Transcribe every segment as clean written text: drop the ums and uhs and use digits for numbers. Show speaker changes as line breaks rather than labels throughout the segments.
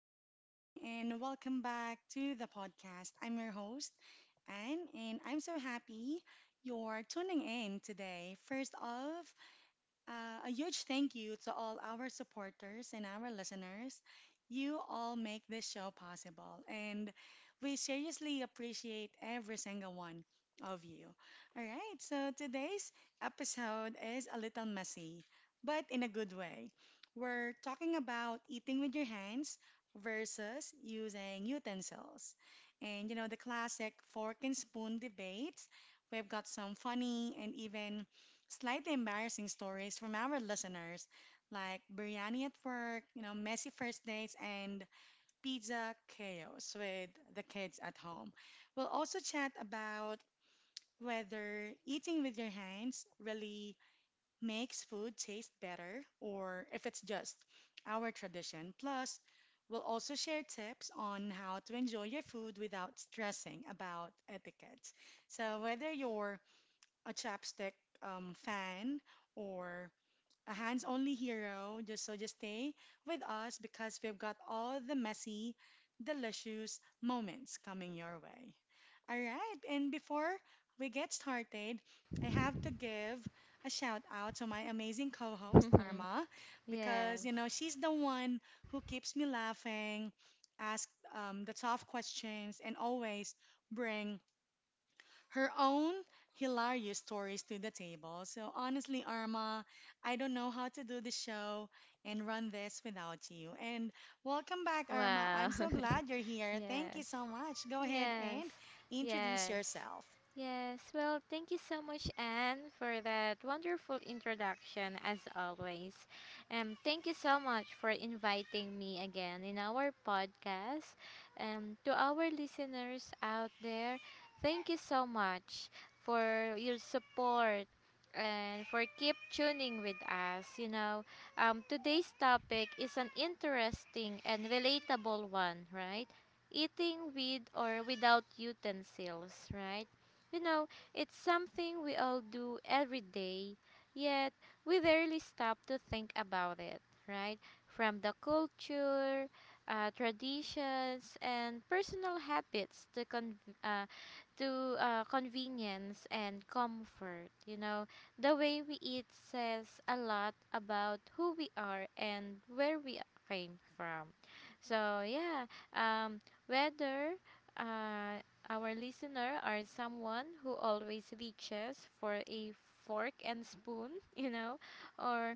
morning and welcome back to the podcast. I'm your host, Anne, and I'm so happy you're tuning in today. First off, a huge thank you to all our supporters and our listeners. You all make this show possible, and we seriously appreciate every single one of you. All right, so today's episode is a little messy, but in a good way. We're talking about eating with your hands versus using utensils. And you know, the classic fork and spoon debates. We've got some funny and even slightly embarrassing stories from our listeners, like biryani at work, you know, messy first dates, and pizza chaos with the kids at home. We'll also chat about whether eating with your hands really makes food taste better or if it's just our tradition. Plus, we'll also share tips on how to enjoy your food without stressing about etiquette. So, whether you're a chapstick fan, or a hands only hero. Just stay with us because we've got all the messy, delicious moments coming your way. All right, and before we get started, I have to give a shout out to my amazing co-host Arma because
Yes.
you know she's the one who keeps me laughing, asks the tough questions, and always bring her own hilarious stories to the table. So honestly, Arma, I don't know how to do the show and run this without you. And welcome back, Arma. I'm
Wow.
so glad you're here. Thank
Yes.
you so much. Go ahead
Yes,
and introduce
yes,
yourself.
yes. Well, thank you so much, Anne, for that wonderful introduction, as always. Thank you so much for inviting me again in our podcast. To our listeners out there, thank you so much for your support and for keep tuning with us. Today's topic is an interesting and relatable one, right? eating with or without utensils, right? You know, it's something we all do every day, yet we rarely stop to think about it, right? From the culture, traditions, and personal habits uh, to convenience and comfort, the way we eat says a lot about who we are and where we came from. So, yeah, um, whether uh, our listener are someone who always reaches for a fork and spoon, or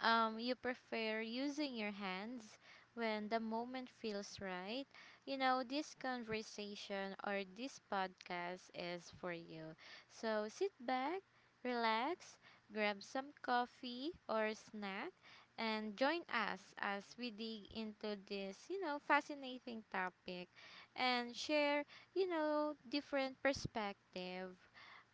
you prefer using your hands when the moment feels right, this conversation or this podcast is for you. So sit back, relax, grab some coffee or snack, and join us as we dig into this fascinating topic and share different perspective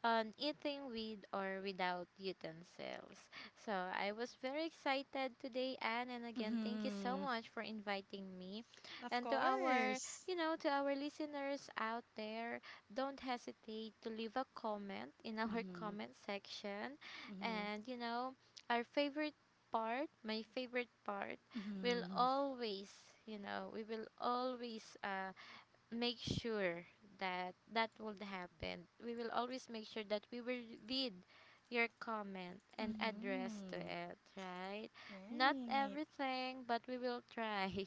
on eating with or without utensils. So I was very excited today, Anne, and again, thank you so
Mm-hmm.
much for inviting me.
Of
And to our,
course.
you know, to our listeners out there, don't hesitate to leave a comment in our
Mm-hmm.
comment section.
Mm-hmm.
And our favorite my favorite part, will
Mm-hmm.
always, you know, we will always, make sure that would happen. We will always make sure that we will read your comment and address to
Mm-hmm.
it, right? Not everything, but we will try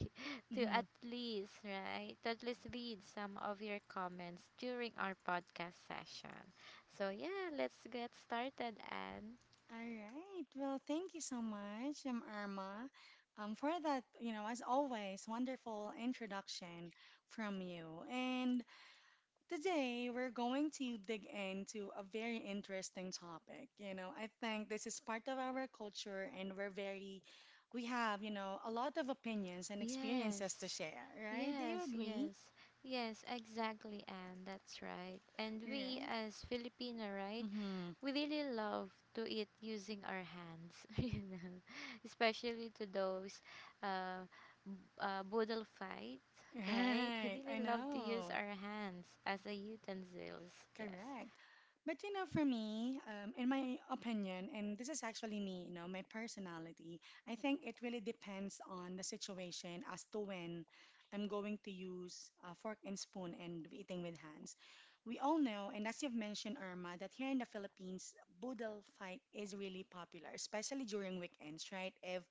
to at
Right.
least, right? To at least read some of your comments during our podcast session. So, yeah, let's get started and
All right. Well, thank you so much, Irma, for that, you know, as always, wonderful introduction from you. And today we're going to dig into a very interesting topic. You know, I think this is part of our culture, and we have, you know, a lot of opinions and experiences to
yes.
share, right? Do you
Yes,
agree?
yes. Yes, exactly, and that's right. And we
Right.
as Filipino, right?
Mm-hmm.
We really love to eat using our hands, especially to those uh, b- boodle fight, right? We
Right. I
really love to use
know.
our hands as a utensils. Yes.
Correct. But you know, for me, in my opinion, and this is actually me, you know, my personality, I think it really depends on the situation as to when I'm going to use a fork and spoon and eating with hands. We all know, and as you've mentioned, Irma, that here in the Philippines, boodle fight is really popular, especially during weekends, right? If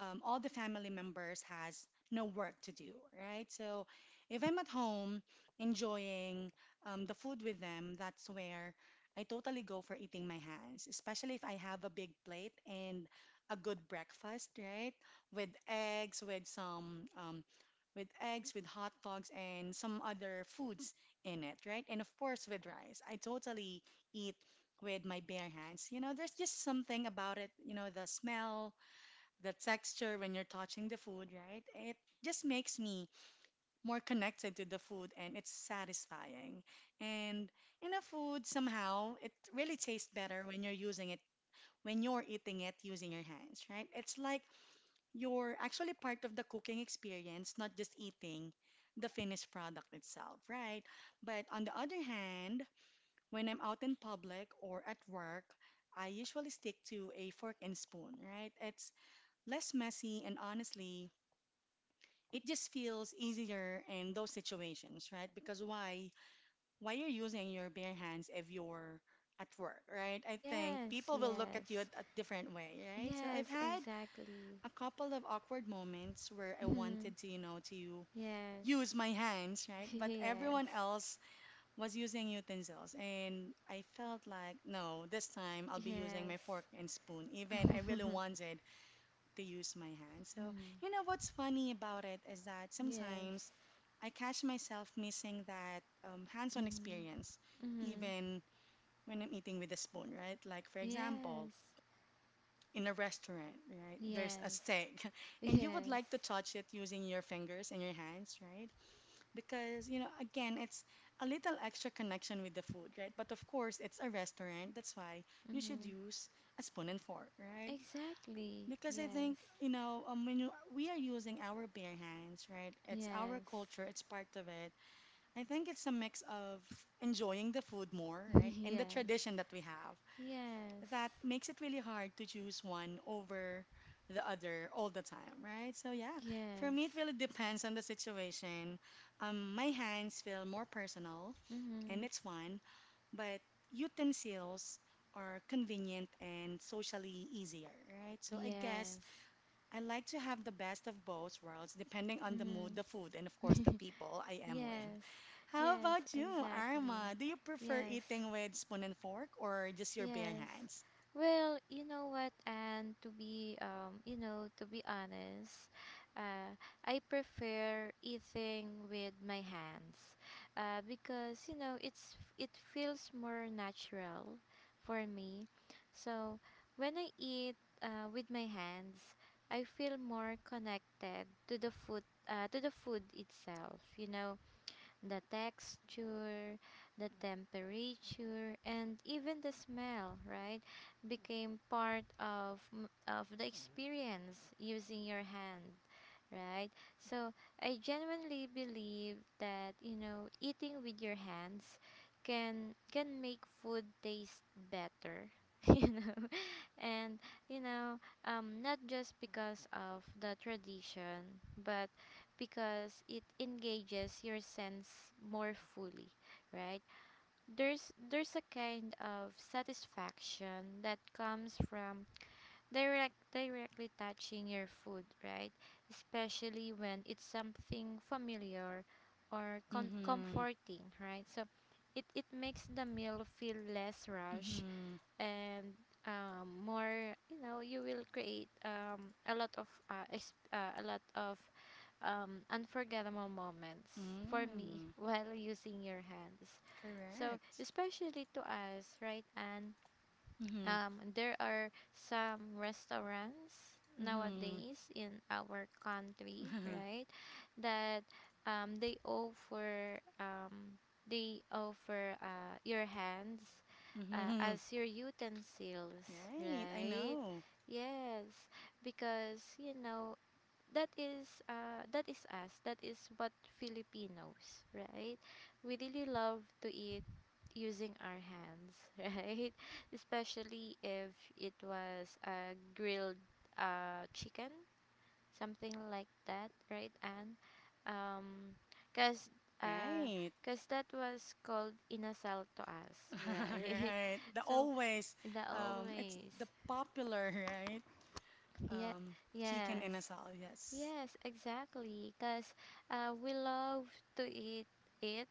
all the family members has no work to do, right? So if I'm at home enjoying the food with them, that's where I totally go for eating my hands, especially if I have a big plate and a good breakfast, right? With eggs, with some um, with eggs, with hot dogs and some other foods in it, right? And of course with rice. I totally eat with my bare hands. You know, there's just something about it, you know, the smell, the texture when you're touching the food, right? It just makes me more connected to the food and it's satisfying. And in a food, somehow, it really tastes better when when you're eating it using your hands, right? It's like you're actually part of the cooking experience, not just eating the finished product itself, right? But on the other hand, when I'm out in public or at work, I usually stick to a fork and spoon, right? It's less messy and honestly it just feels easier in those situations, right? Because why you're using your bare hands if you're at work, right? I think
Yes.
people will look at you a,
Yes.
a different way, right? So I've
Yes.
had
Exactly.
a couple of awkward moments where I
Mhm.
wanted to, you know, to
Yes.
use my hands, right? But everyone
Yes.
else was using utensils and I felt like no, this time I'll be using
Yes.
my fork and spoon. Even I really wanted to use my hands. So,
Mm.
you know, what's funny about it is that
Yes.
sometimes I catch myself missing that hands on
Mm.
experience,
Mm.
even when I'm eating with a spoon, right? Like, for example,
Yes.
in a restaurant, right? There's a
Yes.
steak, and you would
Yes.
like to touch it using your fingers and your hands, right? Because, you know, again, it's a little extra connection with the food, right? But of course, it's a restaurant. That's why you should
Mm.
use a spoon and fork, right?
Exactly.
Because I think,
Yes.
you know, we are using our bare hands, right? It's our
Yes.
culture, it's part of it. I think it's a mix of enjoying the food more, right? And the
Yes.
tradition that we have
Yes.
that makes it really hard to choose one over the other all the time, right? So, yeah, for me, it
Yes.
really depends on the situation. My hands feel more personal and
Mhm.
it's fun, but utensils are convenient and socially easier, right? So, I guess
Yes.
I like to have the best of both worlds, depending on the mood,
Mhm.
the food, and of course the people I am with.
Yes.
How
Yes,
about you,
exactly.
Arma? Do you prefer
Yes.
eating with spoon and fork or just your bare
Yes.
hands?
Well, you know what, and to be honest, uh, I prefer eating with my hands, because it feels more natural for me. So when I eat with my hands, I feel more connected to the food itself. The texture, the temperature, and even the smell, right? Became part of the experience using your hand, right? So I genuinely believe that eating with your hands can make food taste better, you know, and you know not just because of the tradition, but because it engages your sense more fully, right? There's a kind of satisfaction that comes from directly touching your food, right? Especially when it's something familiar or
Mm-hmm.
comforting, right? So it makes the meal feel less rush
Mm-hmm.
and more, you will create a lot of unforgettable moments for me
Mm.
while using your hands, so
Correct.
especially to us, right, and
Mm-hmm.
there are some restaurants
Mm-hmm.
nowadays in our country, right? That um, they offer um, they offer your hands
Mm-hmm. Mm-hmm.
as your utensils,
Right. I
right?
know.
Yes, because that is us, that is what Filipinos, right? We really love to eat using our hands, right, especially if it was a grilled chicken, something like that, right, and um because uh
Right.
because that was called inasal to us, right,
Right. The
so
always,
in the
it's the
always.
popular, right?
Yeah.
Um, chicken and
Yes.
asal, yes.
Yes, exactly. Because we love to eat it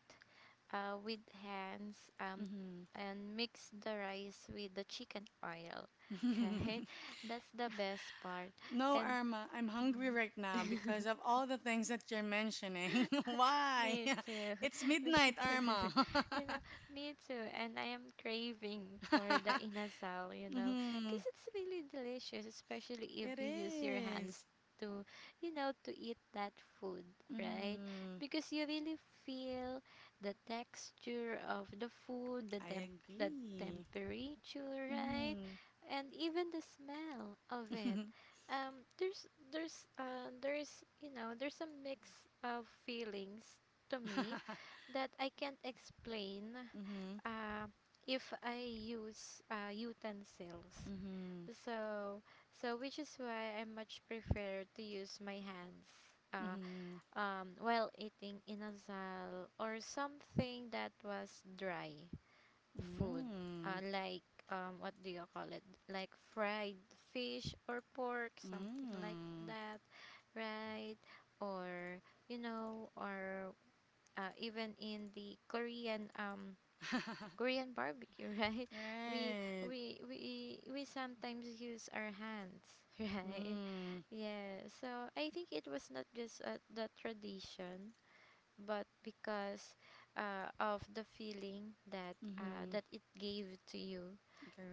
with hands, and mix the rice with the chicken oil, right? That's the best part.
No,
And
Irma, I'm hungry right now because of all the things that you're mentioning. Why?
me too.
It's
Me
midnight,
too.
Irma.
You know, me too. And I am craving for the inasal,
Mm-hmm.
because it's really delicious, especially if
It
you use your
is.
hands to, to eat that food, right?
Mm-hmm.
Because you really feel the texture of the food, the
I
temp the
agree.
temperature, right?
Mm-hmm.
And even the smell of it. Um, there's there's you know there's a mix of feelings to me that I can't explain
Mm-hmm.
uh, if I use utensils.
Mm-hmm.
So, so, which is why I much prefer to use my hands, uh,
Mm-hmm.
while eating inasal or something that was dry food,
Mm-hmm.
like what do you call it? Like fried fish or pork, something like
Mm-hmm.
that, right? Or you know, or even in the Korean um Korean barbecue, right? We
Right.
we we we sometimes use our hands, right?
Mm-hmm.
Yeah. So I think it was not just the tradition, but because of the feeling that it gave to you,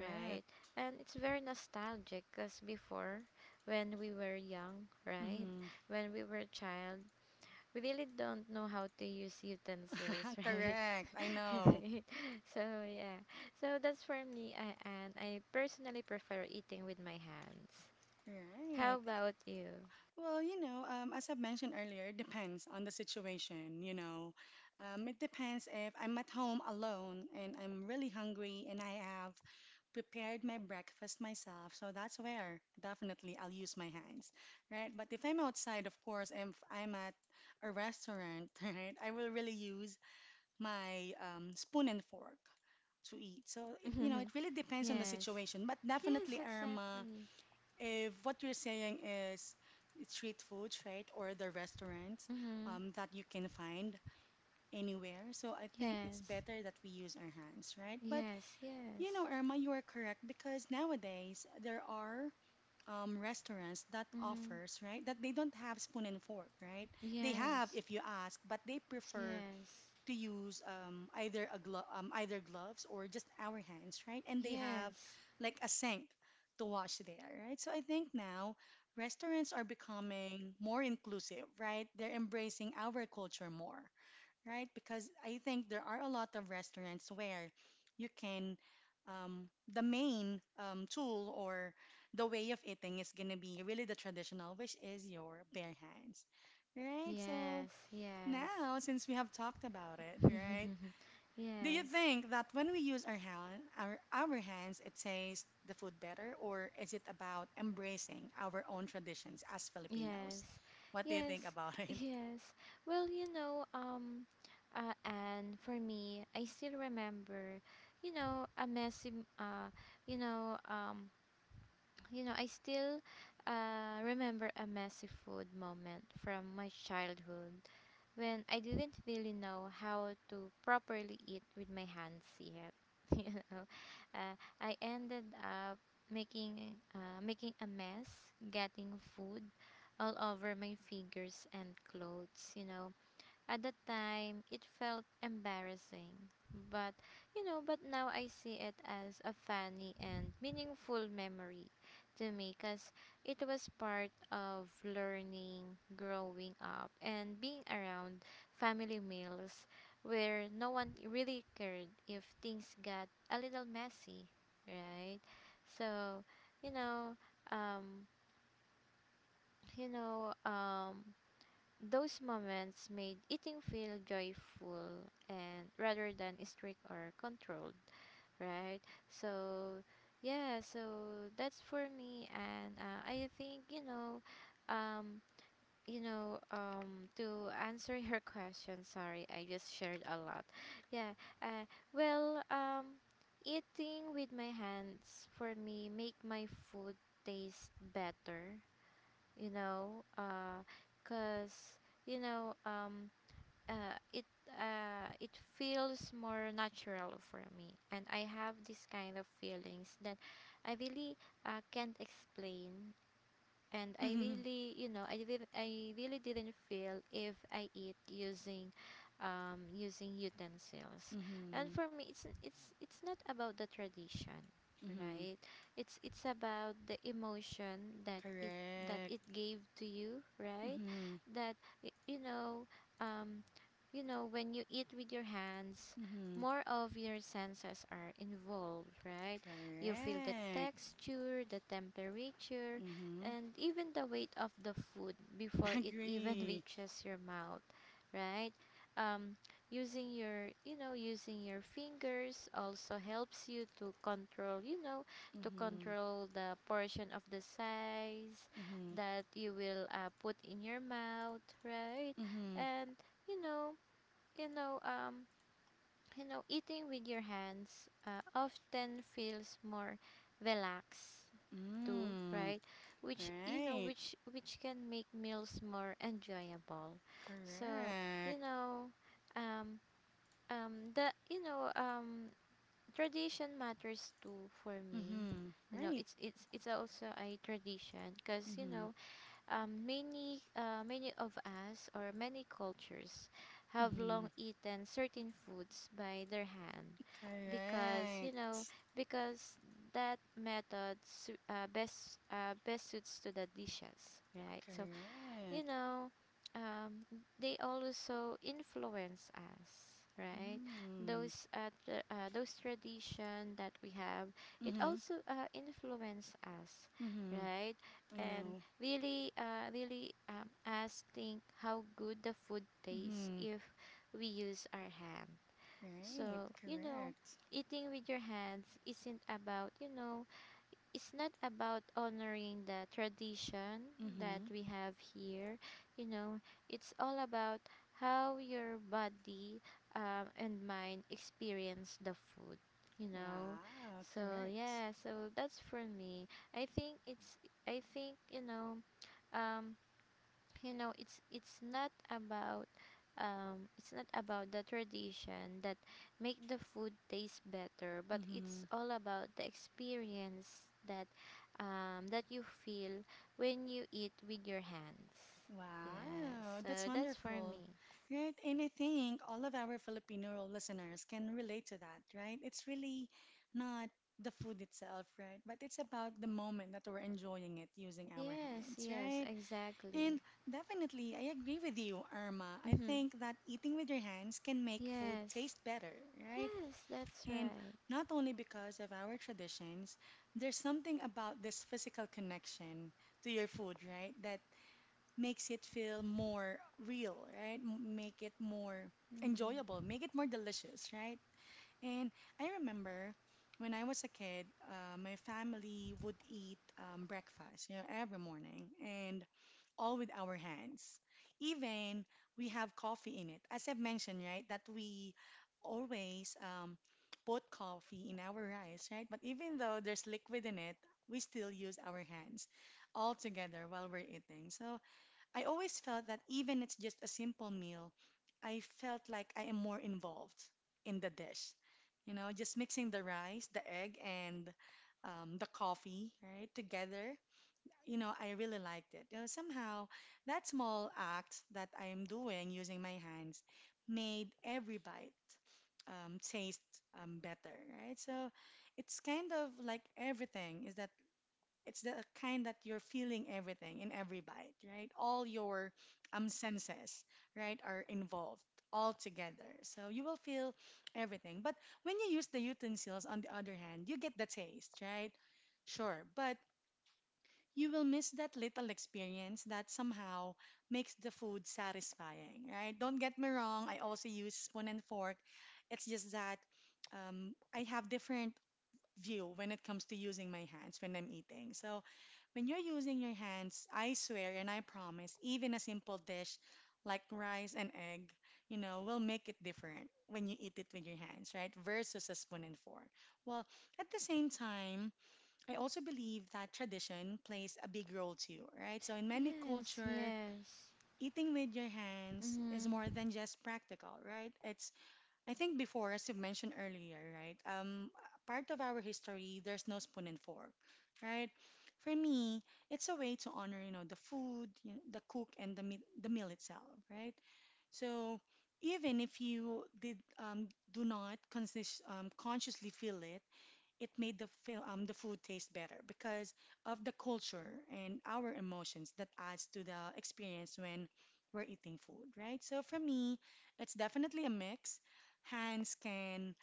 right? And it's very nostalgic because before, when we were young, right?
Mm-hmm.
When we were child, we really don't know how to use utensils, right?
Correct. I know.
Right. So, yeah. So that's for me, and I personally prefer eating with my hands. How
Right.
about you?
Well, you know, as I mentioned earlier, it depends on the situation, you know. It depends if I'm at home alone and I'm really hungry and I have prepared my breakfast myself. So that's where definitely I'll use my hands, right? But if I'm outside, of course, if I'm at a restaurant, right, I will really use my spoon and fork to eat. So it, you know, it really depends on the
Yes.
situation. But
Yes,
definitely, Irma,
exactly.
if what you're saying is street food, right, or the restaurants
Mhm.
that you can find anywhere, so I think it's
Yes.
better that we use our hands, right? But
Yes,
you
yes.
know, Irma, you are correct because nowadays there are restaurants that
Mhm.
offers, right, that they don't have spoon and fork, right? They have
Yes.
if you ask, but they prefer
Yes.
to use either gloves or just our hands, right? And they have
Yes.
like a sink to wash there, right? So I think now restaurants are becoming more inclusive, right? They're embracing our culture more, right? Because I think there are a lot of restaurants where you can the main tool or the way of eating is gonna be really the traditional, which is your bare hands, right? So
Yes, yes.
now, since we have talked about it, right? Do you
Yes.
think that when we use our hands, it tastes the food better, or is it about embracing our own traditions as Filipinos?
Yes,
What do you
yes,
think about it?
yes. Well, and for me, I still remember, you know, a messy, m- you know, um, I still remember a messy food moment from my childhood when I didn't really know how to properly eat with my hands yet. you know, uh, I ended up making making a mess, getting food all over my fingers and clothes. At the time, it felt embarrassing, but but now I see it as a funny and meaningful memory to me because it was part of learning, growing up, and being around family meals where no one really cared if things got a little messy, right? So, you know, um, you know, um, those moments made eating feel joyful and rather than strict or controlled, right? So, yeah, that's for me, and I think, um to answer your question, sorry, I just shared a lot. Yeah. Well, eating with my hands for me make my food taste better, you know because you know um uh, it it feels more natural for me, and I have this kind of feelings that I really can't explain, and I really, you know, I did I really didn't feel if I eat using utensils. And
Mm-hmm.
for me, it's not about the tradition,
Mm-hmm. Mm-hmm.
right? It's about the emotion that it that
Correct.
it gave to you, right?
Mm-hmm.
That, y- you know, um when you eat with your hands,
Mm-hmm.
more of your senses are involved, right. You feel the
Correct.
texture, the temperature,
Mm-hmm.
and even the weight of the food before it even
Agree.
reaches your mouth, right. um using your fingers also helps you to control you know to
Mm-hmm.
control the portion of the size
Mm-hmm.
that you will put in your mouth, right.
Mm-hmm.
And you know you know um eating with your hands often feels more relaxed too,
Mm.
right? Which you know,
Right.
which can make meals more enjoyable. So you
Correct.
know, um, the tradition matters too for me.
Mm-hmm. Right.
It's also a tradition because
Mm-hmm.
many of us or many cultures have
Mm-hmm.
long eaten certain foods by their hand, because you know
Correct.
because that method best suits to the dishes, right, so you
Correct.
know, um, they also influence us, right?
Mm.
Those tradition that we have, it
Mm-hmm.
also influence us,
Mm-hmm.
right?
I
And
know.
really, us think how good the food tastes
Mm-hmm.
if we use our hand.
Right.
So,
Correct.
eating with your hands isn't about you know it's not about honoring the tradition that
Mm-hmm.
we have here. you know it's all about how your body, and mind experience the food. you know
Wow.
so
Correct.
yeah so that's for me. I think it's I think you know um you know it's it's not about it's not about the tradition that make the food taste better, but
Mm-hmm.
it's all about the experience that you feel when you eat with your hands. Yes,
Wow. That's
so that's for
wonderful.
me.
Right. And I think all of our Filipino listeners can relate to that, right? It's really not the food itself, right? But it's about the moment that we're enjoying it using our
Yes,
hands,
yes,
right? And
exactly.
definitely, I agree with you, Irma. I
Mm-hmm.
think that eating with your hands can make food
Yes.
taste better, right?
Yes, that's
And
right.
not only because of our traditions, there's something about this physical connection to your food, right? That makes it feel more real, right? M- Make it more
Mm.
enjoyable, make it more delicious, right? And I remember when I was a kid, my family would eat breakfast, you know, every morning. And all with our hands. Even we have coffee in it. As I've mentioned, right, that we always put coffee in our rice, right? But even though there's liquid in it, we still use our hands all together while we're eating. So I always felt that even it's just a simple meal, I felt like I am more involved in the dish. You know, just mixing the rice, the egg, and the coffee, right, together you know, I really liked it. You know, somehow that small act that I'm doing using my hands made every bite taste better, right? So it's kind of like everything is that it's the kind that you're feeling everything in every bite, right? All your senses, right, are involved all together. So you will feel everything. But when you use the utensils, on the other hand, you get the taste, right? Sure, but you will miss that little experience that somehow makes the food satisfying, right? Don't get me wrong, I also use spoon and fork. It's just that I have different view when it comes to using my hands when I'm eating. So when you're using your hands, I swear and I promise, even a simple dish like rice and egg, will make it different when you eat it with your hands, right? Versus a spoon and fork. Well, at the same time, I also believe that tradition plays a big role too, right? So in many
Yes,
culture,
yes.
eating with your hands is more
Mm-hmm.
than just practical, right? It's I think before, as you mentioned earlier, right? Part of our history, there's no spoon and fork, right? For me, it's a way to honor, the food, the cook, and the meal itself, right? So even if you did do not conscious, consciously feel it it made the food taste better because of the culture and our emotions that adds to the experience when we're eating food, right? So for me, it's definitely a mix. Hands can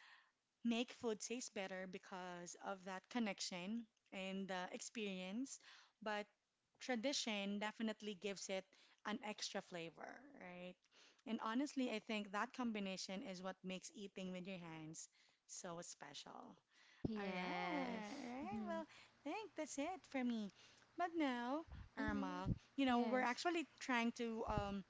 make food taste better because of that connection and the experience, but tradition definitely gives it an extra flavor, right? And honestly, I think that combination is what makes eating with your hands so special. All right, all
Yes.
right.
Mm-hmm.
Well, I think that's it for me. But now, Irma,
Mm-hmm.
we're
Yes.
actually trying to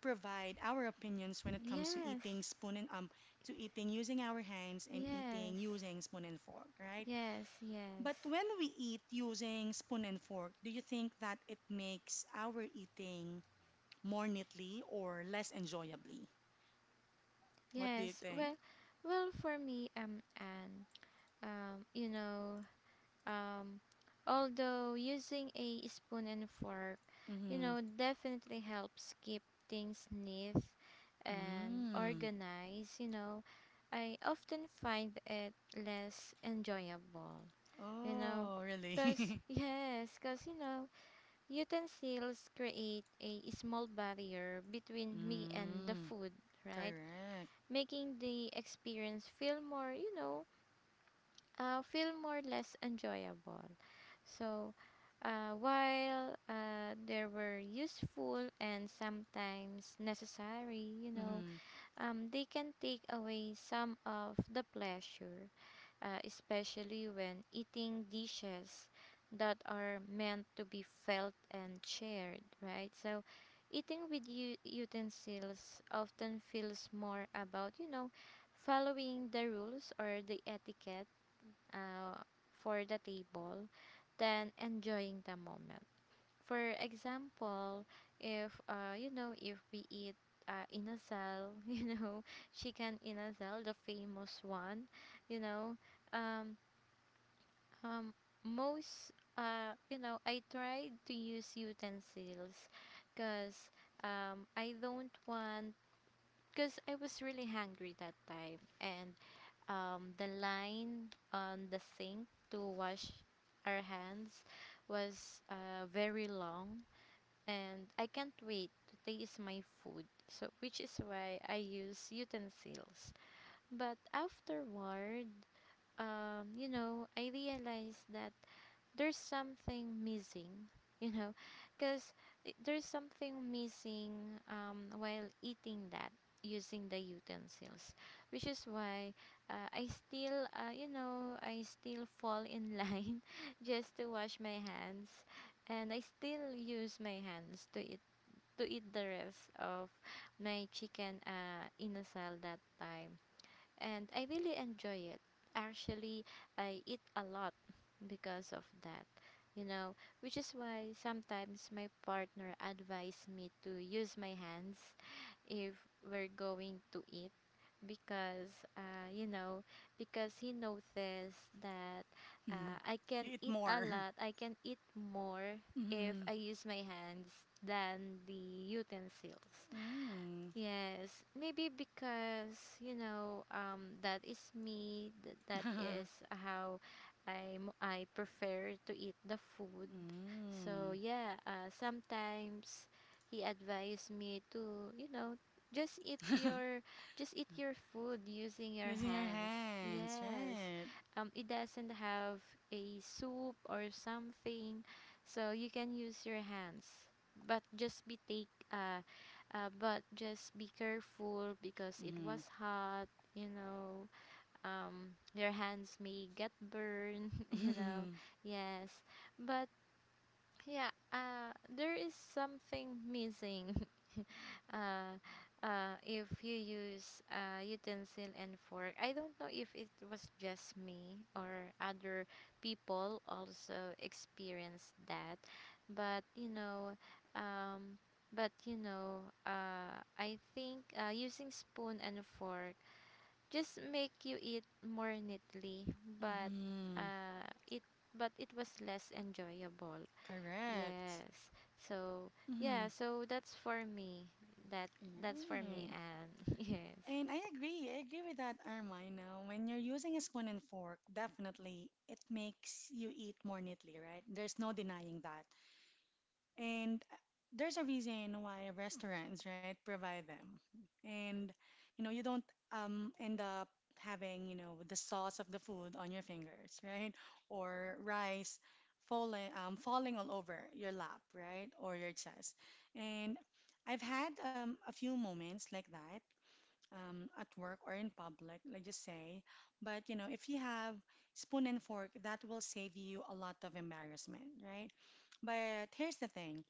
provide our opinions when it comes to
Yes.
eating spoon and to eating using our hands and eating
Yes.
using spoon and fork, right?
Yes. Yes.
But when we eat using spoon and fork, do you think that it makes our eating more neatly or less enjoyably? What do you
Yes.
think?
Well, for me, Anne, um, you know, um, although using a spoon and fork,
Mm-hmm.
definitely helps keep things neat and
Mm.
organized, I often find it less enjoyable, you know,
Oh,
because,
really?
yes, because, utensils create a small barrier between me and the
Mm.
food, right?
Correct.
Making the experience feel more, feel more less enjoyable. So, while they were useful and sometimes necessary,
Mm-hmm.
they can take away some of the pleasure, especially when eating dishes that are meant to be felt and shared, right? So, eating with utensils often feels more about, following the rules or the etiquette, uh, for the table than enjoying the moment. For example, if, if we eat, inasal, chicken inasal, the famous one, you know, um, um, most, I tried to use utensils because, I don't want, because I was really hungry that time. And the line on the sink to wash our hands was, very long. And I can't wait to taste my food. So, which is why I use utensils. But afterward, I realized that there's something missing, you know, because there's something missing, while eating that using the utensils, which is why, I still, I still fall in line just to wash my hands, and I still use my hands to eat the rest of my chicken, inasal that time, and I really enjoy it. Actually, I eat a lot because of that, which is why sometimes my partner advised me to use my hands if we're going to eat, because, because he noticed that,
Mm-hmm.
I can
You eat
eat a
more.
lot, I can eat more if
Mm-hmm.
I use my hands than the utensils.
Mm.
Yes, maybe because, that is me. That is how I prefer to eat the food. So
Mm.
yeah, sometimes he advised me to, just eat your just eat your food using your
Using your
hands.
hands,
Yes,
right?
it doesn't have a soup or something, so you can use your hands, but just be take but just be careful because it
Mm-hmm.
was hot, you know your hands may get burned,
Mm-hmm.
yes, but yeah, there is something missing, uh, if you use, utensil and fork. I don't know if it was just me or other people also experienced that, but, um, I think, using spoon and fork just make you eat more neatly, but
Mm-hmm.
it but it was less enjoyable.
Correct.
Yes. So yeah,
Mm-hmm.
so that's for me. That that's for
Yeah.
me. And yes.
And I agree. I agree with that, Armino. When you're using a spoon and fork, definitely it makes you eat more neatly, right? There's no denying that. And there's a reason why restaurants, right, provide them. And you don't end up having, the sauce of the food on your fingers, right? Or rice falling all over your lap, right? Or your chest. And I've had a few moments like that. At work or in public, let's just say. But you know, if you have spoon and fork, that will save you a lot of embarrassment, right? But here's the thing,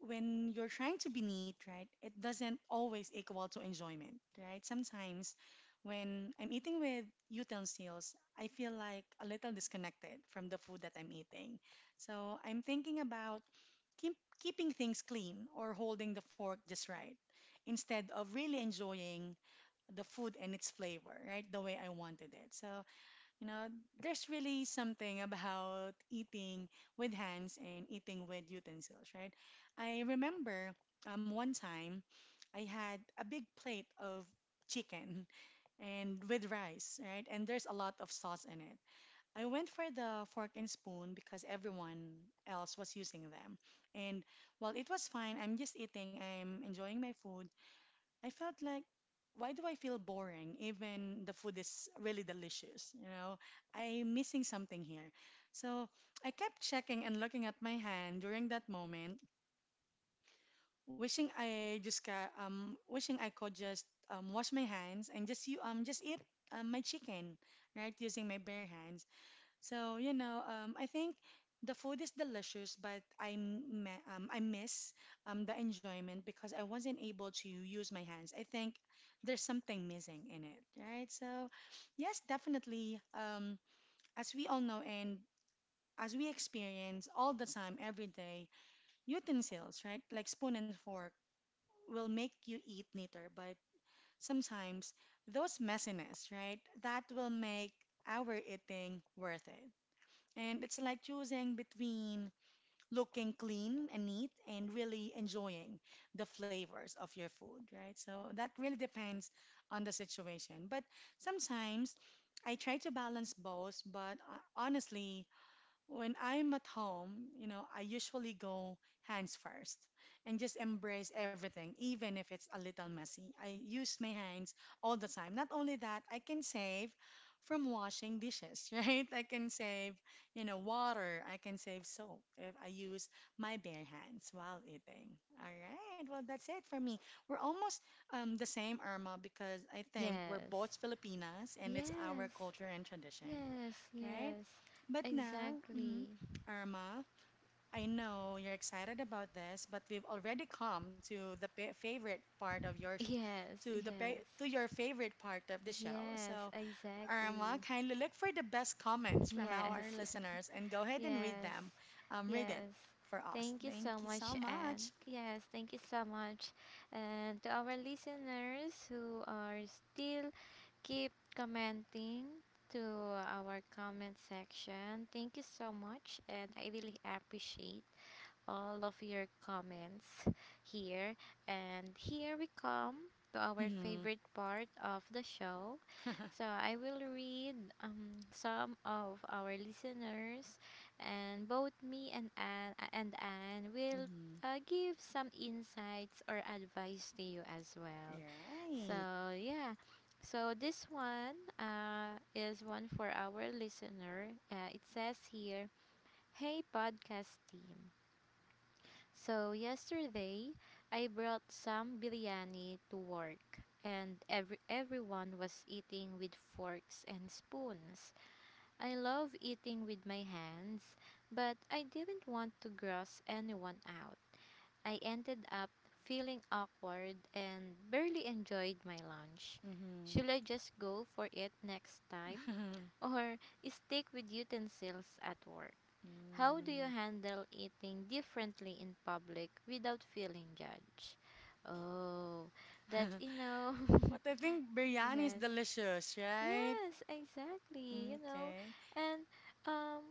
when you're trying to be neat, right, it doesn't always equal to enjoyment, right? Sometimes when I'm eating with utensils, I feel like a little disconnected from the food that I'm eating. So I'm thinking about keep, keeping things clean or holding the fork just right instead of really enjoying the food and its flavor, right, the way I wanted it. So you know, there's really something about eating with hands and eating with utensils, right? I remember one time I had a big plate of chicken and with rice, right? And there's a lot of sauce in it. I went for the fork and spoon because everyone else was using them. And while it was fine, I'm just eating, I'm enjoying my food. I felt like, why do I feel boring? Even the food is really delicious, you know? I'm missing something here. So I kept checking and looking at my hand during that moment, wishing I could just wash my hands and just eat my chicken, right? Using my bare hands. So, you know, I think the food is delicious, but I miss the enjoyment because I wasn't able to use my hands. I think there's something missing in it, right? So, yes, definitely. As we all know, and as we experience all the time, every day, utensils, right, like spoon and fork, will make you eat neater, but sometimes those messiness, right, that will make our eating worth it. And it's like choosing between looking clean and neat and really enjoying the flavors of your food, right? So that really depends on the situation. But sometimes I try to balance both, but honestly, when I'm at home, I usually go hands first and just embrace everything, even if it's a little messy. I use my hands all the time. Not only that, I can save from washing dishes, right? I can save, water. I can save soap if I use my bare hands while eating. All right. Well, that's it for me. We're almost the same, Irma, because I think we're
Yes.
both Filipinas and it's our
Yes.
culture and tradition,
Yes.
right?
Yes.
But now, mhm,
Exactly.
Irma, I know you're excited about this, but we've already come to the pa favorite part of your show,
Yes.
to the pa
Yes.
to your favorite part of the show.
Yes,
So, Irma,
exactly.
kindly look for the best comments from our
Yes.
listeners and go ahead and read
Yes.
them. Read it
Yes.
for us.
Thank you
Thank
so
you
much,
so much.
Anne. Yes, thank you so much. And to our listeners who are still keep commenting to our comment section, thank you so much, and I really appreciate all of your comments here. And here we come to our
Hmm.
favorite part of the show. So I will read, some of our listeners, and both me and Anne will,
Hmm.
give some insights or advice to you as well.
Right.
So yeah, so this one, is one for our listener. It says here, "Hey podcast team. So yesterday, I brought some biryani to work, and everyone was eating with forks and spoons. I love eating with my hands, but I didn't want to gross anyone out. I ended up feeling awkward and barely enjoyed my lunch.
Hmm.
Should I just go for it next time? Or stick with utensils at work? How do you handle eating differently in public without feeling
Mm-hmm.
judged?" Oh, that's,
But I think biryani is
yes.
delicious, right?
Yes, exactly. You know,
Okay.
and um,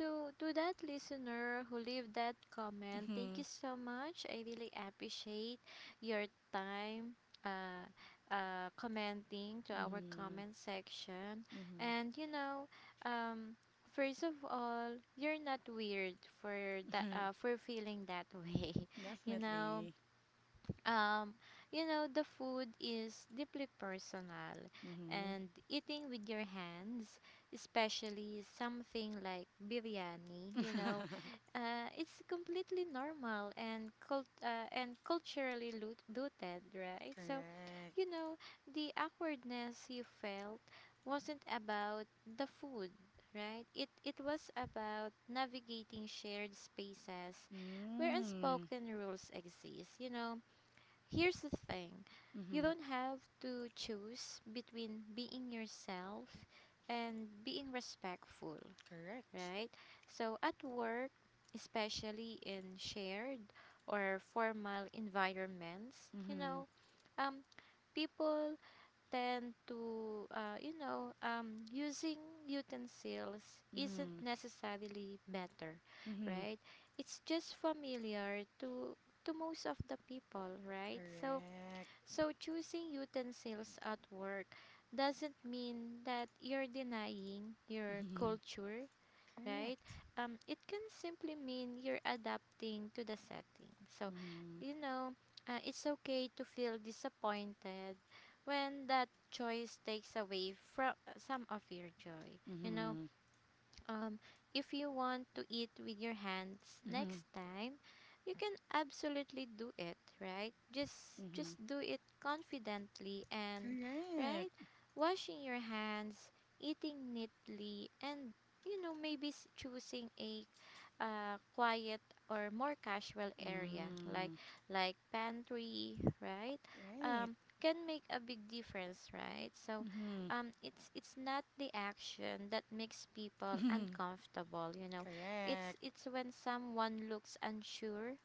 to that listener who leave that comment, thank
Mm-hmm.
you so much. I really appreciate your time. Uh, commenting to our
Mm-hmm.
comment section. And um, first of all, you're not weird for that.
Mm-hmm.
For feeling that way, you know
Definitely.
um, you know, the food is deeply personal,
Mm-hmm.
and eating with your hands, especially something like biryani, it's completely normal, and cult and culturally rooted, right? So,
Correct.
you know, the awkwardness you felt wasn't about the food, right? It was about navigating shared spaces where
Mm.
unspoken rules exist, you know. Here's the thing, you
Mm-hmm.
don't have to choose between being yourself and being respectful,
Correct.
right? So, at work, especially in shared or formal environments,
Mm-hmm.
um, people tend to, using utensils isn't
Mm-hmm.
necessarily better,
Mm-hmm.
right? It's just familiar to most of the people, right? So,
Correct.
so, choosing utensils at work doesn't mean that you're denying your
Mm-hmm.
culture, right?
Correct.
It can simply mean you're adapting to the setting. So,
Mm-hmm.
you know, it's okay to feel disappointed when that choice takes away from, some of your joy. You know,
Mm-hmm.
um, if you want to eat with your hands
Mm-hmm.
next time, you can absolutely do it, right? Just
Mm-hmm.
just do it confidently, and right?
Correct.
Washing your hands, eating neatly, and maybe choosing a, quiet or more casual area, like
Mm.
pantry, right?
Right.
Can make a big difference, right? So,
Mm-hmm.
it's not the action that makes people
Mm-hmm.
uncomfortable, it's
Correct.
it's when someone looks unsure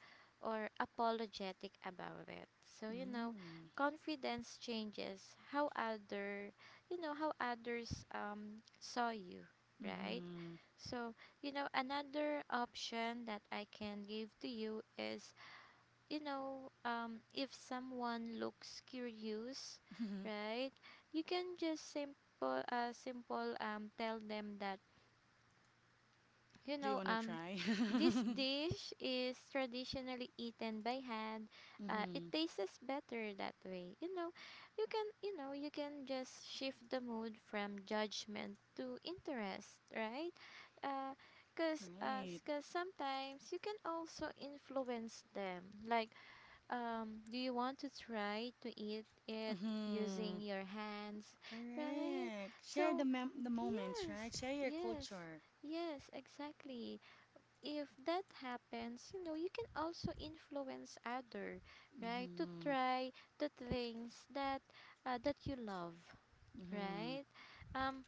or apologetic about it. So,
Mm.
confidence changes how other, how others saw you, right?
Mm-hmm.
So, another option that I can give to you is, if someone looks curious, right, you can just simple, tell them that, you
Do you
know,
want to
um,
try?
this dish is traditionally eaten by hand. It
Mm-hmm.
tastes better that way. You know, you can, you
Mm-hmm.
can just shift the mood from judgment to interest, right? Uh, because
Right.
'cause sometimes you can also influence them, like, do you want to try to eat it using
Mm-hmm.
your hands? Right?
Correct. Share
So,
the moments,
yes,
right? Share your
yes,
culture.
yes, exactly. If that happens, you can also influence other, right? To
Mm-hmm.
try the things that, that you love,
Mm-hmm.
right? Um,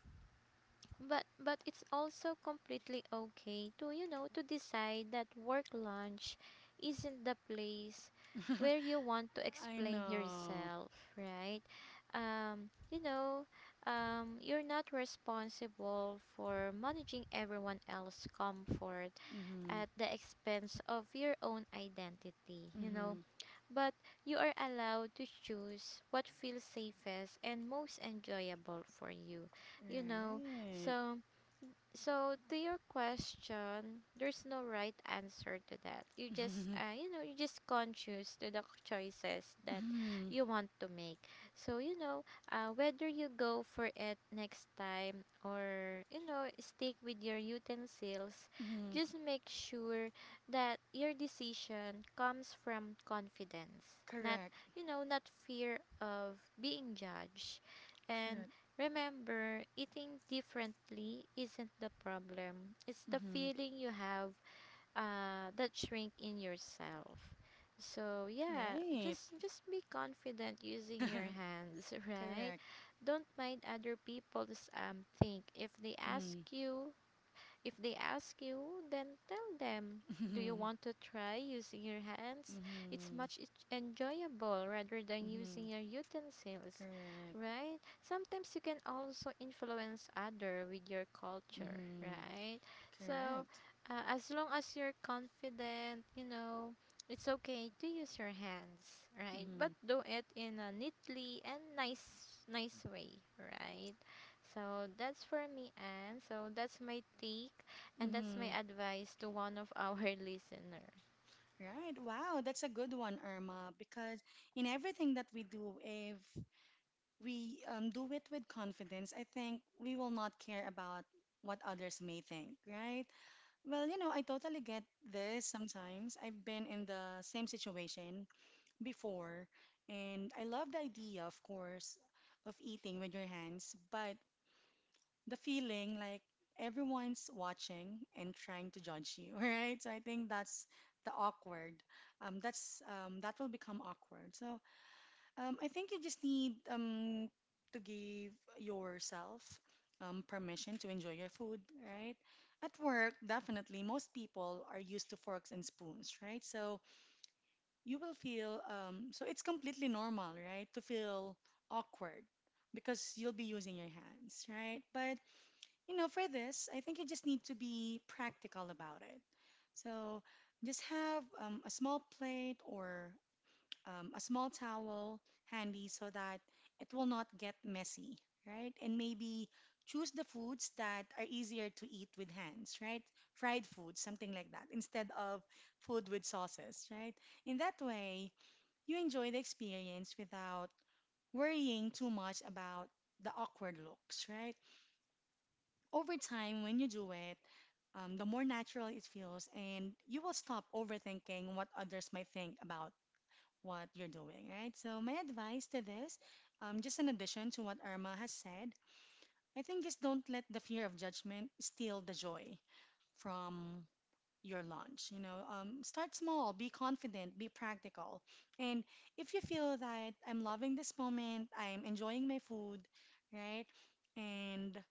but it's also completely okay to, to decide that work lunch isn't the place where you want to
I
explain
know.
yourself, right? um you know you're not responsible for managing everyone else's comfort
Mm-hmm.
at the expense of your own identity, you know.
Mm-hmm.
But you are allowed to choose what feels safest and most enjoyable for you. You know,
Right.
so, so to your question, there's no right answer to that. You just,
Mm-hmm.
you just conscious to the choices that
Mm-hmm.
you want to make. So, whether you go for it next time, or stick with your utensils,
Mm-hmm.
just make sure that your decision comes from confidence, not
Correct.
not fear of being judged. And
Correct.
remember, eating differently isn't the problem. It's the
Mm-hmm.
feeling you have, that shrink in yourself. So yeah,
Right.
just be confident using your hands, right?
Correct.
Don't mind other people's think.
Mm-hmm.
If they ask you, then tell them, do you
Mm-hmm.
want to try using your hands? It's
Mm-hmm.
much enjoyable rather than
Mm-hmm.
using your utensils,
Correct.
right? Sometimes you can also influence other with your culture,
Mm-hmm.
right? So,
Correct.
as long as you're confident, it's okay to use your hands, right? But
Mm-hmm.
do it in a neatly and nice way, right? So that's for me, and so that's my take, and that's my
Mm-hmm.
advice to one of our listener.
Right. Wow, that's a good one, Irma, because in everything that we do, if we do it with confidence, I think we will not care about what others may think, right? Well, you know, I totally get this sometimes. I've been in the same situation before, and I love the idea, of course, of eating with your hands, but the feeling like everyone's watching and trying to judge you, right? So I think that's the awkward. That will become awkward. So I think you just need to give yourself permission to enjoy your food, right? At work, definitely, most people are used to forks and spoons, right? So you will feel so it's completely normal, right, to feel awkward because you'll be using your hands, right? But you know, for this, I think you just need to be practical about it. So just have a small plate or a small towel handy so that it will not get messy, right? And maybe choose the foods that are easier to eat with hands, right? Fried food, something like that, instead of food with sauces, right? In that way, you enjoy the experience without worrying too much about the awkward looks, right? Over time, when you do it, the more natural it feels, and you will stop overthinking what others might think about what you're doing, right? So, my advice to this, just in addition to what Irma has said, I think just don't let the fear of judgment steal the joy from your launch. You know, start small, be confident, be practical. And if you feel that I'm loving this moment, I'm enjoying my food, right? And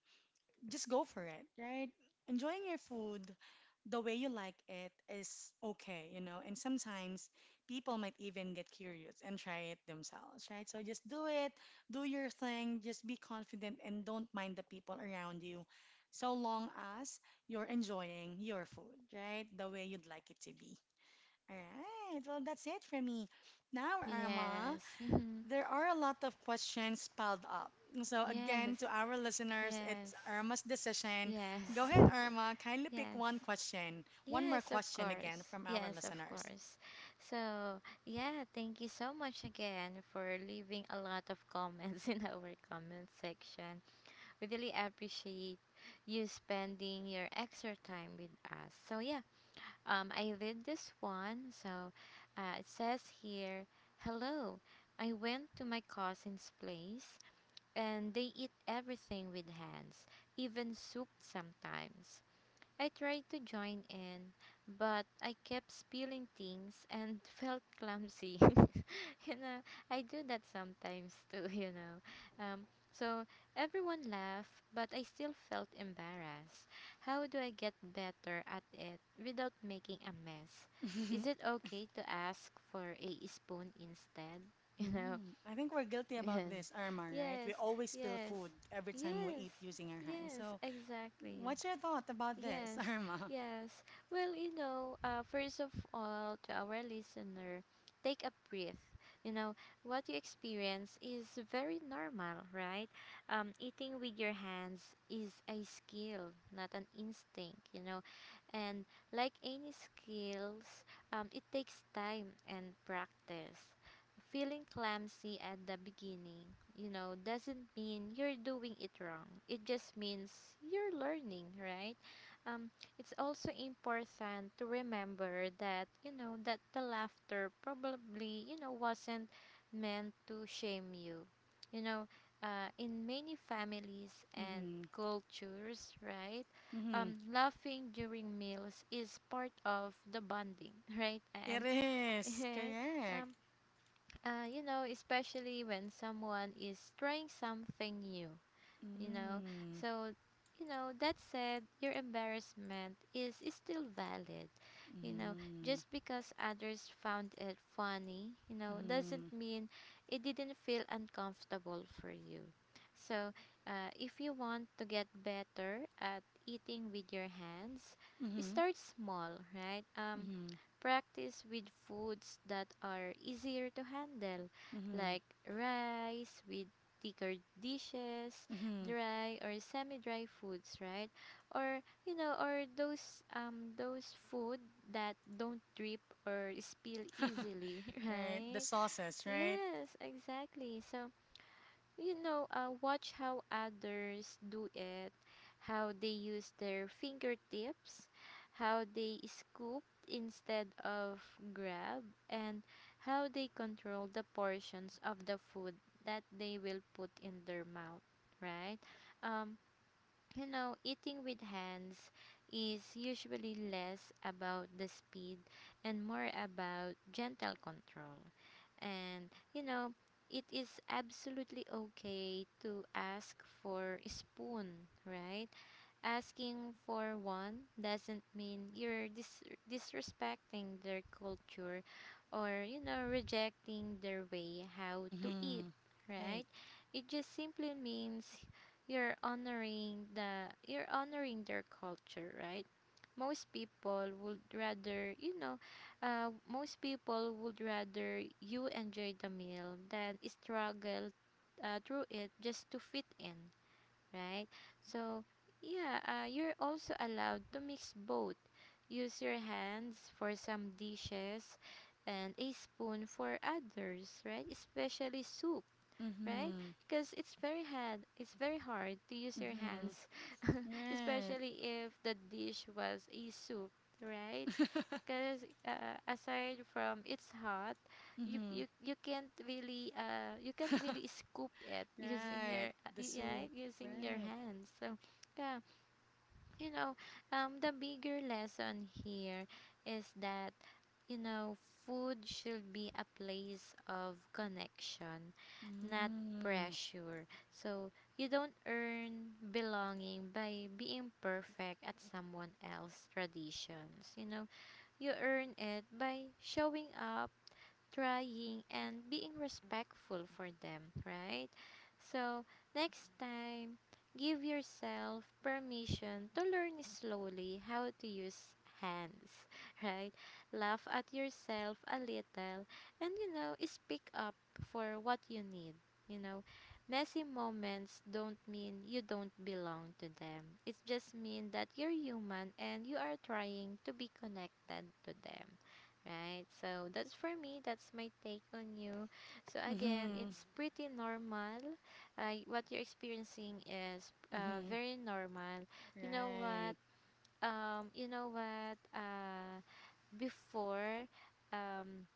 just go for it, right? Enjoying your food the way you like it is okay, you know. And sometimes people might even get curious and try it themselves, right? So just do it, do your thing, just be confident and don't mind the people around you so long as you're enjoying your food, right? The way you'd like it to be. All right, well, that's it for me. Now, Irma,
Yes, mhm,
there are a lot of questions piled up. So,
yes,
again, to our listeners,
yes,
it's Irma's decision. Go
yes,
ahead, Irma. Kindly pick
yes,
one question, one more
yes, of
question again
course,
from our
yes, of
listeners.
course. So yeah, thank you so much again for leaving a lot of comments in our comment section. We really appreciate you spending your extra time with us. So yeah, I read this one. So, it says here, "Hello. I went to my cousin's place and they eat everything with hands, even soup sometimes. I tried to join in, but I kept spilling things and felt clumsy." You know, I do that sometimes too, you know. So everyone laughed, but I still felt embarrassed. "How do I get better at it without making a mess? Is it okay to ask for a spoon instead?"
Mm, I think we're guilty
You
about
know,
this, Irma, right?
yes,
We always spill
yes,
food every time we
yes,
eat using
yes,
our hands.
yes,
So,
exactly.
what's your thought about this,
Yes,
Irma?
yes. Well, first of all, to our listener, take a breath. You know, what you experience is very normal, right? Eating with your hands is a skill, not an instinct, you know. And like any skills, it takes time and practice. Feeling clumsy at the beginning, doesn't mean you're doing it wrong. It just means you're learning, right? um, it's also important to remember that that the laughter probably wasn't meant to shame you you know In many families and
Mm-hmm.
cultures,
Mm-hmm.
laughing during meals is part of the bonding right.
It
And
is correct.
um, especially when someone is trying something new you know
Mm.
so that said, your embarrassment is still valid, you know
Mm-hmm.
just because others found it funny, doesn't
Mm-hmm.
mean it didn't feel uncomfortable for you. So if you want to get better at eating with your hands,
Mm-hmm.
start small,
Mm-hmm.
practice with foods that are easier to handle,
Mm-hmm.
like rice with thicker dishes,
Mm-hmm.
dry or semi-dry foods, right? Or or those food that don't drip or spill easily,
Right. The
right?
sauces, right?
Yes, exactly. So watch how others do it, how they use their fingertips, how they scoop instead of grab, and how they control the portions of the food that they will put in their mouth, right? Um, eating with hands is usually less about the speed and more about gentle control, and it is absolutely okay to ask for a spoon, right? Asking for one doesn't mean you're disrespecting their culture or, rejecting their way how to eat,
Mm-hmm. Right.
right? It just simply means you're honoring the you're honoring their culture, right? Most people would rather, most people would rather you enjoy the meal than struggle through it just to fit in, right? So, yeah, you're also allowed to mix both. Use your hands for some dishes and a spoon for others, right? Especially soup, right?
Mm-hmm.
Because it's very hard. It's very hard to use your
Mm-hmm.
hands,
Right.
especially if the dish was a soup, right? Because aside from it's hot, you
Mm-hmm.
you you can't really you can't really scoop it using
Right. The
yeah,
soup.
using your
Right.
hands. So yeah, you know, the bigger lesson here is that, you know, food should be a place of connection, not
Mm.
pressure. So you don't earn belonging by being perfect at someone else's traditions. You know, you earn it by showing up, trying, and being respectful for them, right? So, next time, give yourself permission to learn slowly how to use hands, right? Laugh at yourself a little and, speak up for what you need, you know. Messy moments don't mean you don't belong to them. It just means that you're human and you are trying to be connected to them. Right. So that's for me. That's my take on you. So again,
Mm-hmm.
it's pretty normal. What you're experiencing is
Mm-hmm.
very normal. You know what?
Right.
You know what? Uh, before, um,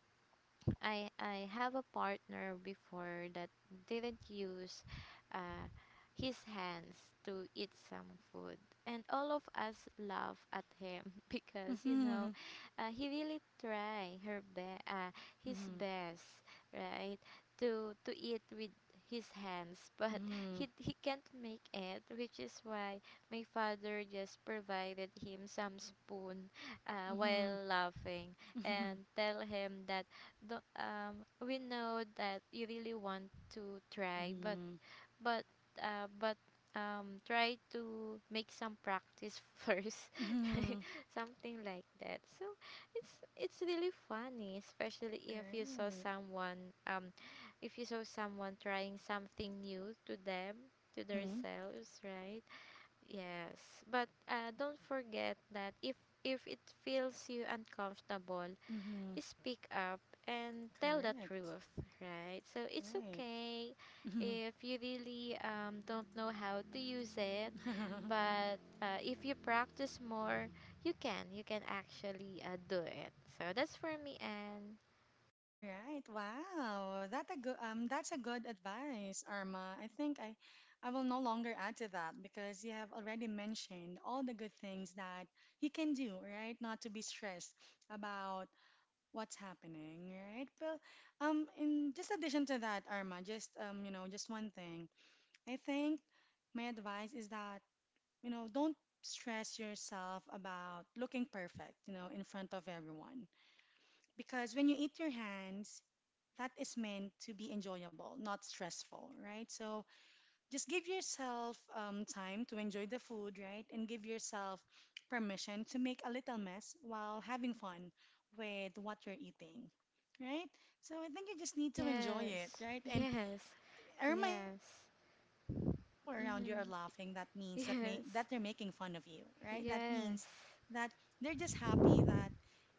I I have a partner before that didn't use uh, his hands to eat some food, and all of us laugh at him because you
Mm-hmm.
know he really his
Mm-hmm.
best, right, to eat with his hands, but
Mm-hmm.
he can't make it, which is why my father just provided him some spoon
Mm-hmm.
while laughing
Mm-hmm.
and tell him that don't, we know that you really want to try, but
Mm-hmm.
but but try to make some practice first,
Mm-hmm.
something like that. So it's really funny, especially if you saw
Right.
someone if you saw someone trying something new to them, to
Mm-hmm.
themselves, right? Yes, but don't forget that if it feels you uncomfortable,
Mm-hmm.
speak up and tell the
Correct.
truth, right? So it's
Right.
okay if you really don't know how to use it,
Mm-hmm.
but if you practice more, you can. You can actually do it. So that's for me, and
Right. Wow. That's a good advice, Arma. I think I will no longer add to that because you have already mentioned all the good things that you can do, right? Not to be stressed about what's happening, right? Well, in just addition to that, Arma, just you know, just one thing. I think my advice is that, you know, don't stress yourself about looking perfect, you know, in front of everyone. Because when you eat your hands, that is meant to be enjoyable, not stressful, right? So just give yourself time to enjoy the food, right? And give yourself permission to make a little mess while having fun with what you're eating, right? So I think you just need to enjoy it,
yes,
right? And
yes,
Irma is
yes,
correct. It doesn't mean that people around you
mm-hmm,
are laughing. That means
yes,
that they're making fun of you, right? That
yes,
means that they're just happy that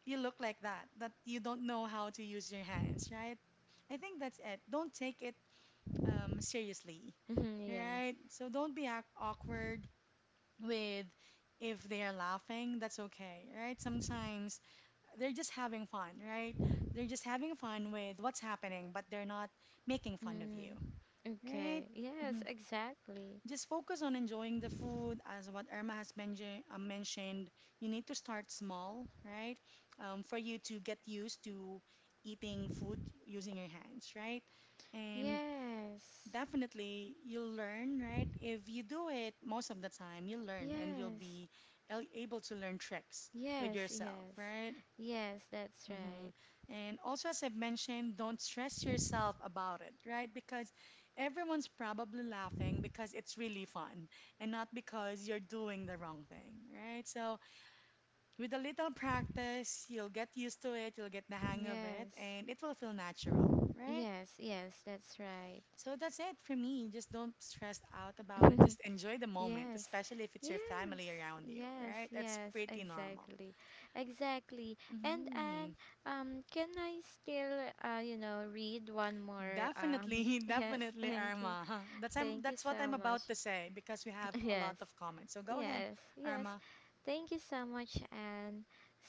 you look like that, that you don't know how to use your hands, right? I think that's it. Don't take it seriously,
mm-hmm, yes.
right? So don't be awkward with if they are laughing, that's okay, right? Sometimes they're just having fun, right? They're just having fun with what's happening, but they're not making fun of you,
Mm.
right?
Okay.
hmm
Yes, exactly.
Just focus on enjoying the food, as what Irma has mentioned. You need to start small, right? For you to get used to eating food using your hands, right? And
Yes.
definitely, you'll learn, right? If you do it most of the time, you'll learn and you'll
Yes.
be able to learn tricks with
Yes,
yourself,
yes.
right?
Yes, that's
hmm
right.
And also, as I've mentioned, don't stress yourself about it, right? Because everyone's probably laughing because it's really fun and not because you're doing the wrong thing, right? So, with a little practice, you'll get used to it, you'll get the hang of it,
Yes.
and it will feel natural, right?
Yes, yes, that's right.
So that's it for me. Just don't stress out about it. Just enjoy the moment,
Yes.
especially if it's your
Yes.
family around you,
Yes,
right? That's
yes,
pretty normal.
exactly. Exactly. And
hmm
Can I still read one more
Definitely,
yes,
definitely,
thank you.
Irma.
Thank you
That's what
so
I'm about
much.
to say because we have a
Yes.
lot of comments. So go ahead,
Yes, yes.
Irma.
Thank you so much, Anne.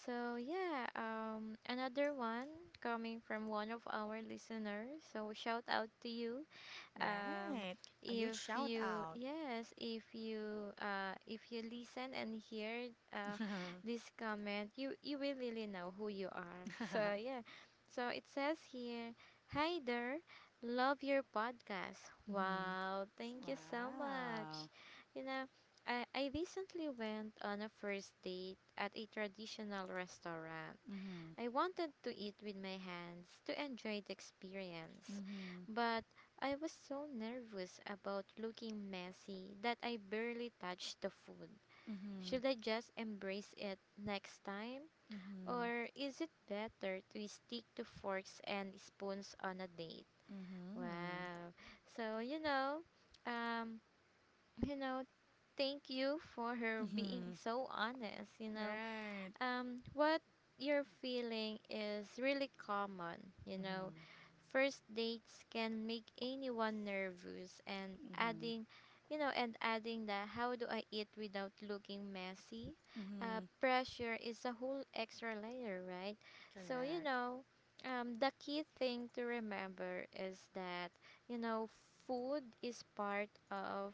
So yeah, another one coming from one of our listeners. So shout out to you um,
Right. A huge
if
shout
you,
out.
yes, if you if you listen and hear this comment, you will really know who you are. So yeah, so it says here, hi there, love your podcast.
hmm
Wow, thank you so much.
Wow.
You know, I recently went on a first date at a traditional restaurant.
hmm
I wanted to eat with my hands to enjoy the experience,
hmm
but I was so nervous about looking messy that I barely touched the food.
hmm
Should I just embrace it next time?
hmm hmm
Or is it better to stick to forks and spoons on a date? Wow. So, um, you know, thank you for her being
hmm
so honest, you know,
Right.
um, what you're feeling is really common, you know.
hmm
First dates can make anyone nervous and
Mm-hmm.
adding you know and adding the, how do I eat without looking messy,
Mm-hmm.
pressure is a whole extra layer, right? So
Correct.
the key thing to remember is that you know food is part of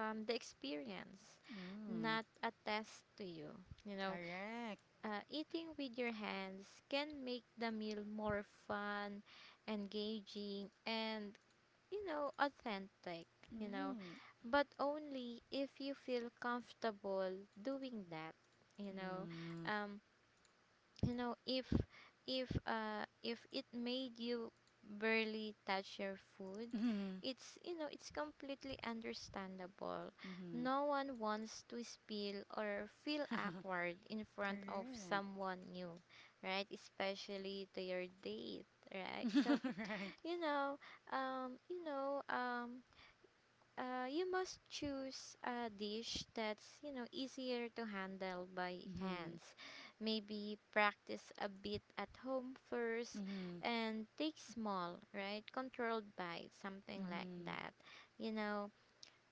the experience,
Mm.
not a test to you, you know.
Correct.
Eating with your hands can make the meal more fun, engaging, and, authentic, you know,
Right.
but only if you feel comfortable doing that, you know.
Mm.
Um, if if it made you barely touch your food,
Mm-hmm.
it's you know it's completely understandable.
Mm-hmm.
No one wants to spill or feel awkward in front of
Correct.
someone new, right? Especially to your date, right? So,
Right.
you know um you know um you must choose a dish that's, easier to handle by
Mm-hmm.
hands, maybe practice a bit at home first,
Mm-hmm.
and take small, right, controlled bites, something like that, you know.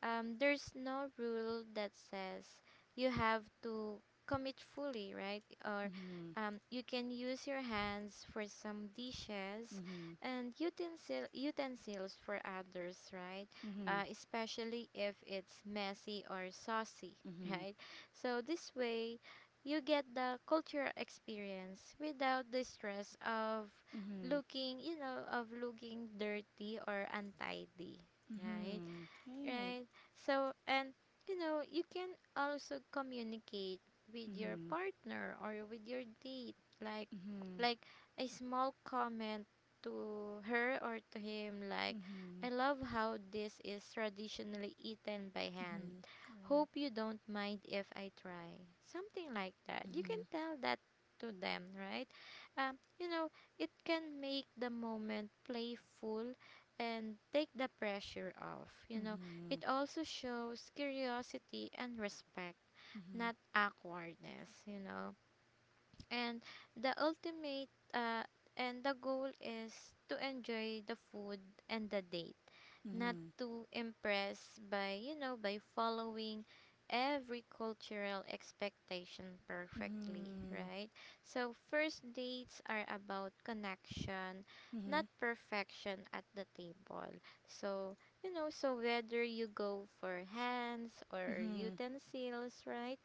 There's no rule that says you have to commit fully, right? Or,
Mm-hmm.
you can use your hands for some dishes
Mm-hmm.
and utensils for others, right?
Mm-hmm.
Especially if it's messy or saucy,
Mm-hmm. Mm-hmm.
right? So this way, you get the cultural experience without the stress of
Mm-hmm.
looking, of looking dirty or untidy, right?
Mm-hmm. Right.
Right? So, and, you can also communicate with your
Mm-hmm.
partner or with your date, like,
Mm-hmm.
like a small comment to her or to him, like,
Mm-hmm. Mm-hmm.
I love how this is traditionally eaten by hand.
Right.
Hope you don't mind if I try. Something like that. You can
Mm-hmm.
tell that to them, right? Um, you know, it can make the moment playful and take the pressure off. You know,
Mm-hmm.
it also shows curiosity and respect,
Mm-hmm.
not awkwardness, you know. And the ultimate uh, and the goal is to enjoy the food and the date, not
Mm-hmm.
to impress by by following every cultural expectation perfectly,
Mm-hmm.
right? So first dates are about connection, not perfection at the table. So, whether you go for hands
Mm-hmm.
or
Mm-hmm.
utensils, right,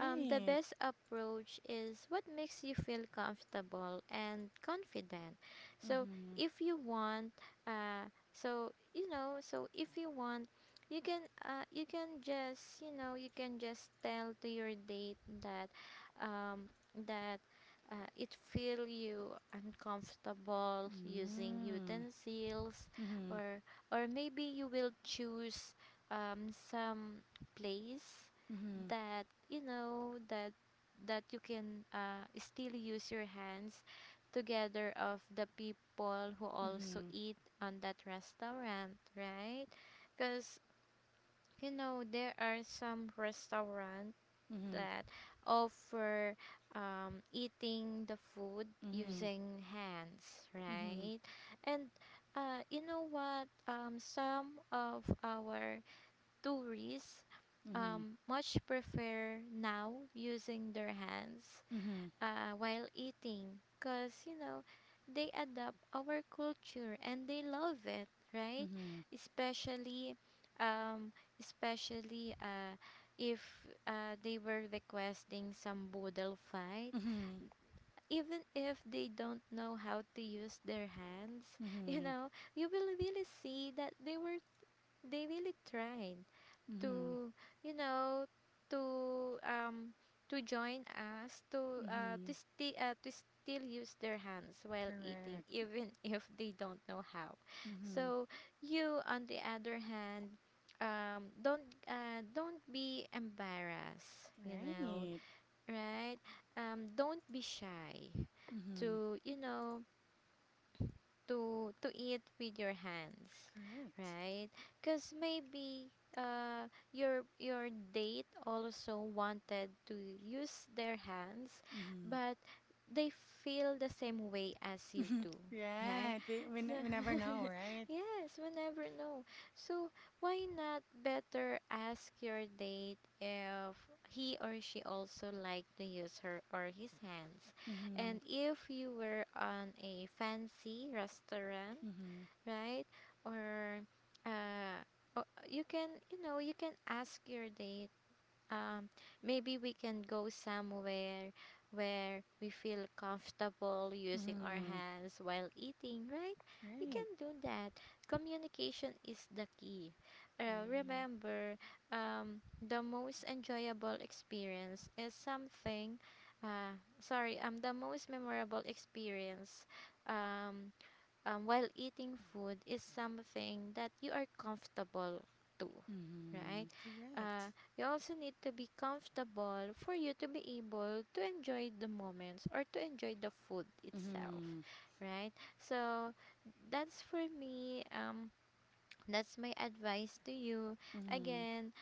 the best approach is what makes you feel comfortable and confident. So
Mm-hmm.
if you want, if you want, you can just, you can just tell to your date that, um, that. It feel you uncomfortable using
Mm.
utensils,
Mhm.
or or maybe you will choose some place
Mhm.
that that that you can still use your hands together of the people who also
Mhm.
eat on that restaurant, right? Because there are some restaurant
Mhm.
that offer eating the food
Mhm.
using hands,
Mhm.
right? And you know what some of our tourists
Mhm.
um, much prefer now using their hands
Mhm.
while eating because they adapt our culture and they love it, right?
Mhm.
Especially um, especially uh, if they were requesting some boodle fight,
Mhm.
even if they don't know how to use their hands, you
Mhm.
know, you will really see that they really tried
Mhm.
to, you know to um to join us,
Mhm.
to still use their hands while eating,
Correct.
even if they don't know how.
Mhm.
So you, on the other hand, don't be embarrassed, you know,
Right.
right? Don't be shy
Mhm.
to, to eat with your hands,
Correct.
right? Because maybe your date also wanted to use their hands,
Mhm. Mhm.
but they feel the same way as you do, right?
Right. We we
So,
ne- we never know, right?
yes, we never know. So why not better ask your date if he or she also like to use her or his hands,
Mhm.
and if you were on a fancy restaurant,
Mhm.
right? Or, uh, you can, you can ask your date, um, maybe we can go somewhere where we feel comfortable using our
Mhm.
hands while eating, right? You
Right.
can do that. Communication is the key. Uh,
Right.
remember, um, the most enjoyable experience is something. Sorry, the most memorable experience, um, while eating food, is something that you are comfortable to, right?
Mhm. Correct.
You also need to be comfortable for you to be able to enjoy the moments or to enjoy the food itself,
Mhm.
right? So that's for me. That's my advice to you.
Mhm.
Again,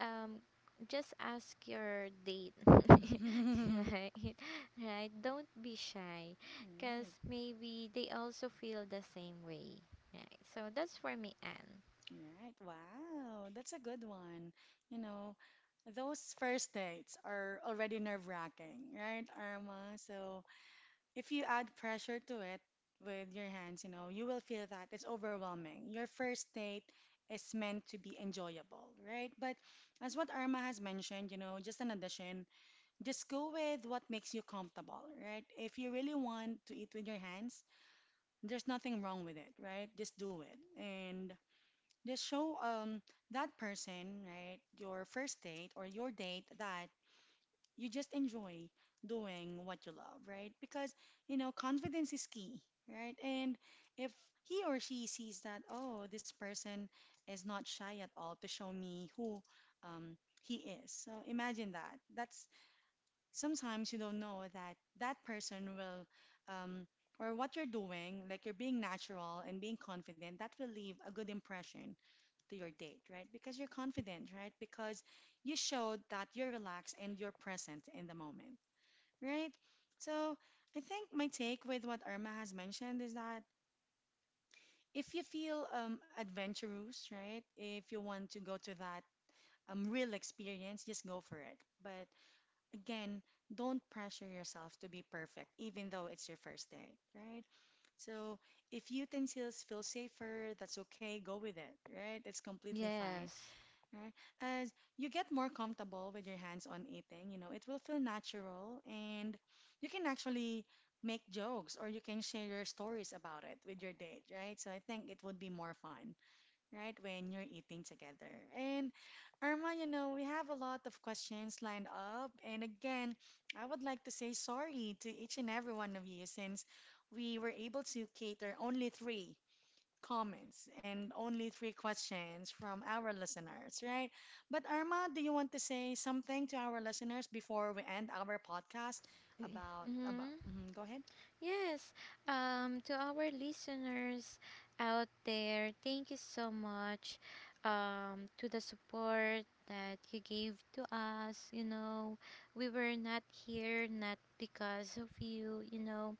um just ask your date. Right, right, don't be shy because
Right.
maybe they also feel the same way, right? So that's for me, Anne.
Right. Wow. That's a good one. You know, those first dates are already nerve-wracking, right, Irma? So if you add pressure to it with your hands, you know, you will feel that it's overwhelming. Your first date is meant to be enjoyable, right? But as what Irma has mentioned, you know, just an addition, just go with what makes you comfortable, right? If you really want to eat with your hands, there's nothing wrong with it, right? Just do it. And just show that person, right, your first date or your date that you just enjoy doing what you love, right? Because, you know, confidence is key, right? And if he or she sees that, oh, this person is not shy at all to show me who he is. So imagine that. That's sometimes you don't know that that person will um or what you're doing, like you're being natural and being confident, that will leave a good impression to your date, right? Because you're confident, right? Because you showed that you're relaxed and you're present in the moment, right? So I think my take with what Irma has mentioned is that if you feel adventurous, right? If you want to go to that real experience, just go for it. But again, don't pressure yourself to be perfect, even though it's your first date, right? So if you utensils feel safer, that's okay, go with it, right? It's completely fine.
Yes,
Right? As you get more comfortable with your hands on eating, you know, it will feel natural and you can actually make jokes or you can share your stories about it with your date, right? So I think it would be more fun, right, when you're eating together. And Irma, you know, we have a lot of questions lined up. And again, I would like to say sorry to each and every one of you since we were able to cater only 3 comments and only 3 questions from our listeners, right? But Arma, do you want to say something to our listeners before we end our podcast about?
mm-hmm,
Mhm, go ahead.
yes. To our listeners out there, thank you so much, to the support that you gave to us, you know, we were not here not because of you, you know.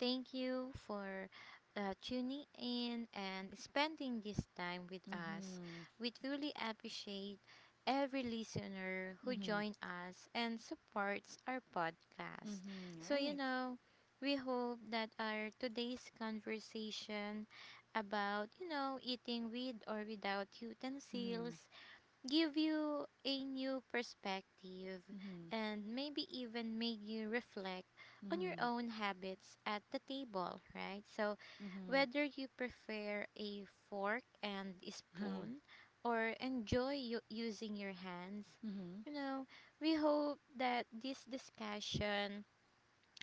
Thank you for tuning in and spending this time with us.
Mm-hmm.
We truly appreciate every listener who
Mm-hmm.
joins us and supports our podcast.
Mm-hmm.
So, you
Right.
know, we hope that our today's conversation about, eating with or without
Mm-hmm.
utensils give you a new perspective
Mm-hmm.
and maybe even made you reflect on your
Mm-hmm.
own habits at the table, right? So,
Mm-hmm.
whether you prefer a fork and
Mm-hmm.
spoon or enjoy using your hands,
Mm-hmm.
you know, we hope that this discussion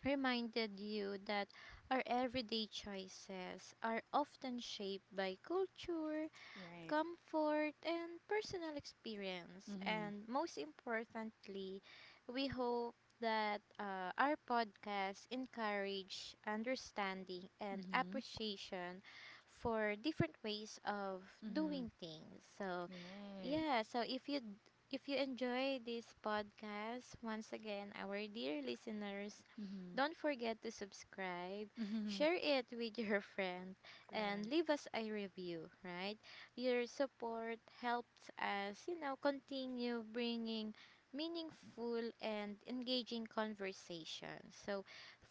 reminded you that our everyday choices are often shaped by culture,
Right.
comfort, and personal experience.
Mm-hmm.
And most importantly, we hope that our podcast encourage understanding and
Mm-hmm.
appreciation for different ways of
Mm-hmm.
doing things. So,
Right.
yeah, so if you if you enjoy this podcast, once again, our dear listeners,
Mm-hmm.
don't forget to subscribe,
Mm-hmm.
share it with your friend, and
Correct.
leave us a review, right? Your support helps us, continue bringing meaningful and engaging conversations. So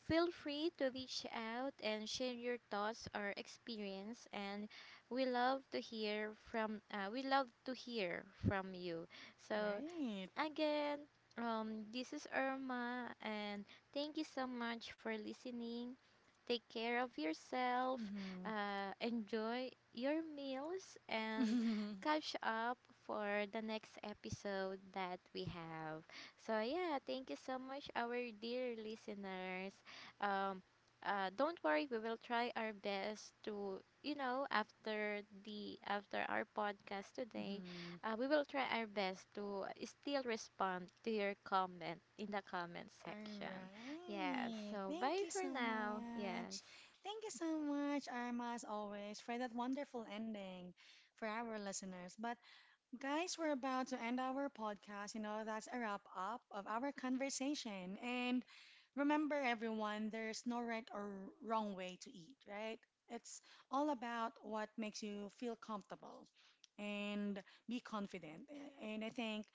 feel free to reach out and share your thoughts or experience, and we love to hear from we love to hear from you. So
Right.
again, this is Irma, and thank you so much for listening. Take care of yourself, enjoy your meals, and
Mm-hmm.
catch up for the next episode that we have. So, yeah, thank you so much, our dear listeners. Um, don't worry, we will try our best to, after the after our podcast today,
Mm-hmm.
we will try our best to still respond to your comment in the comment
All
section. Yes.
right.
So
Thank
bye
you
for
so
now. Yes.
much. Thank you so much, Arma, as always, for that wonderful ending for our listeners. But, guys, we're about to end our podcast. You know, that's a wrap up of our conversation. And remember, everyone, there's no right or wrong way to eat, right? It's all about what makes you feel comfortable and be confident. And I think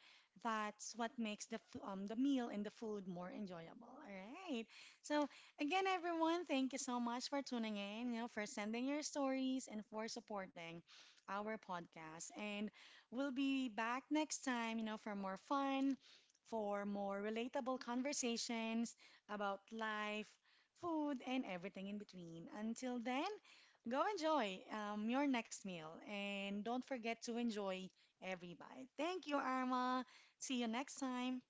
that's what makes the meal and the food more enjoyable. All right. So again, everyone, thank you so much for tuning in. You know, for sending your stories and for supporting our podcast. And we'll be back next time. You know, for more fun, for more relatable conversations about life, food, and everything in between. Until then, go enjoy your next meal and don't forget to enjoy every bite. Thank you, Arma. See you next time.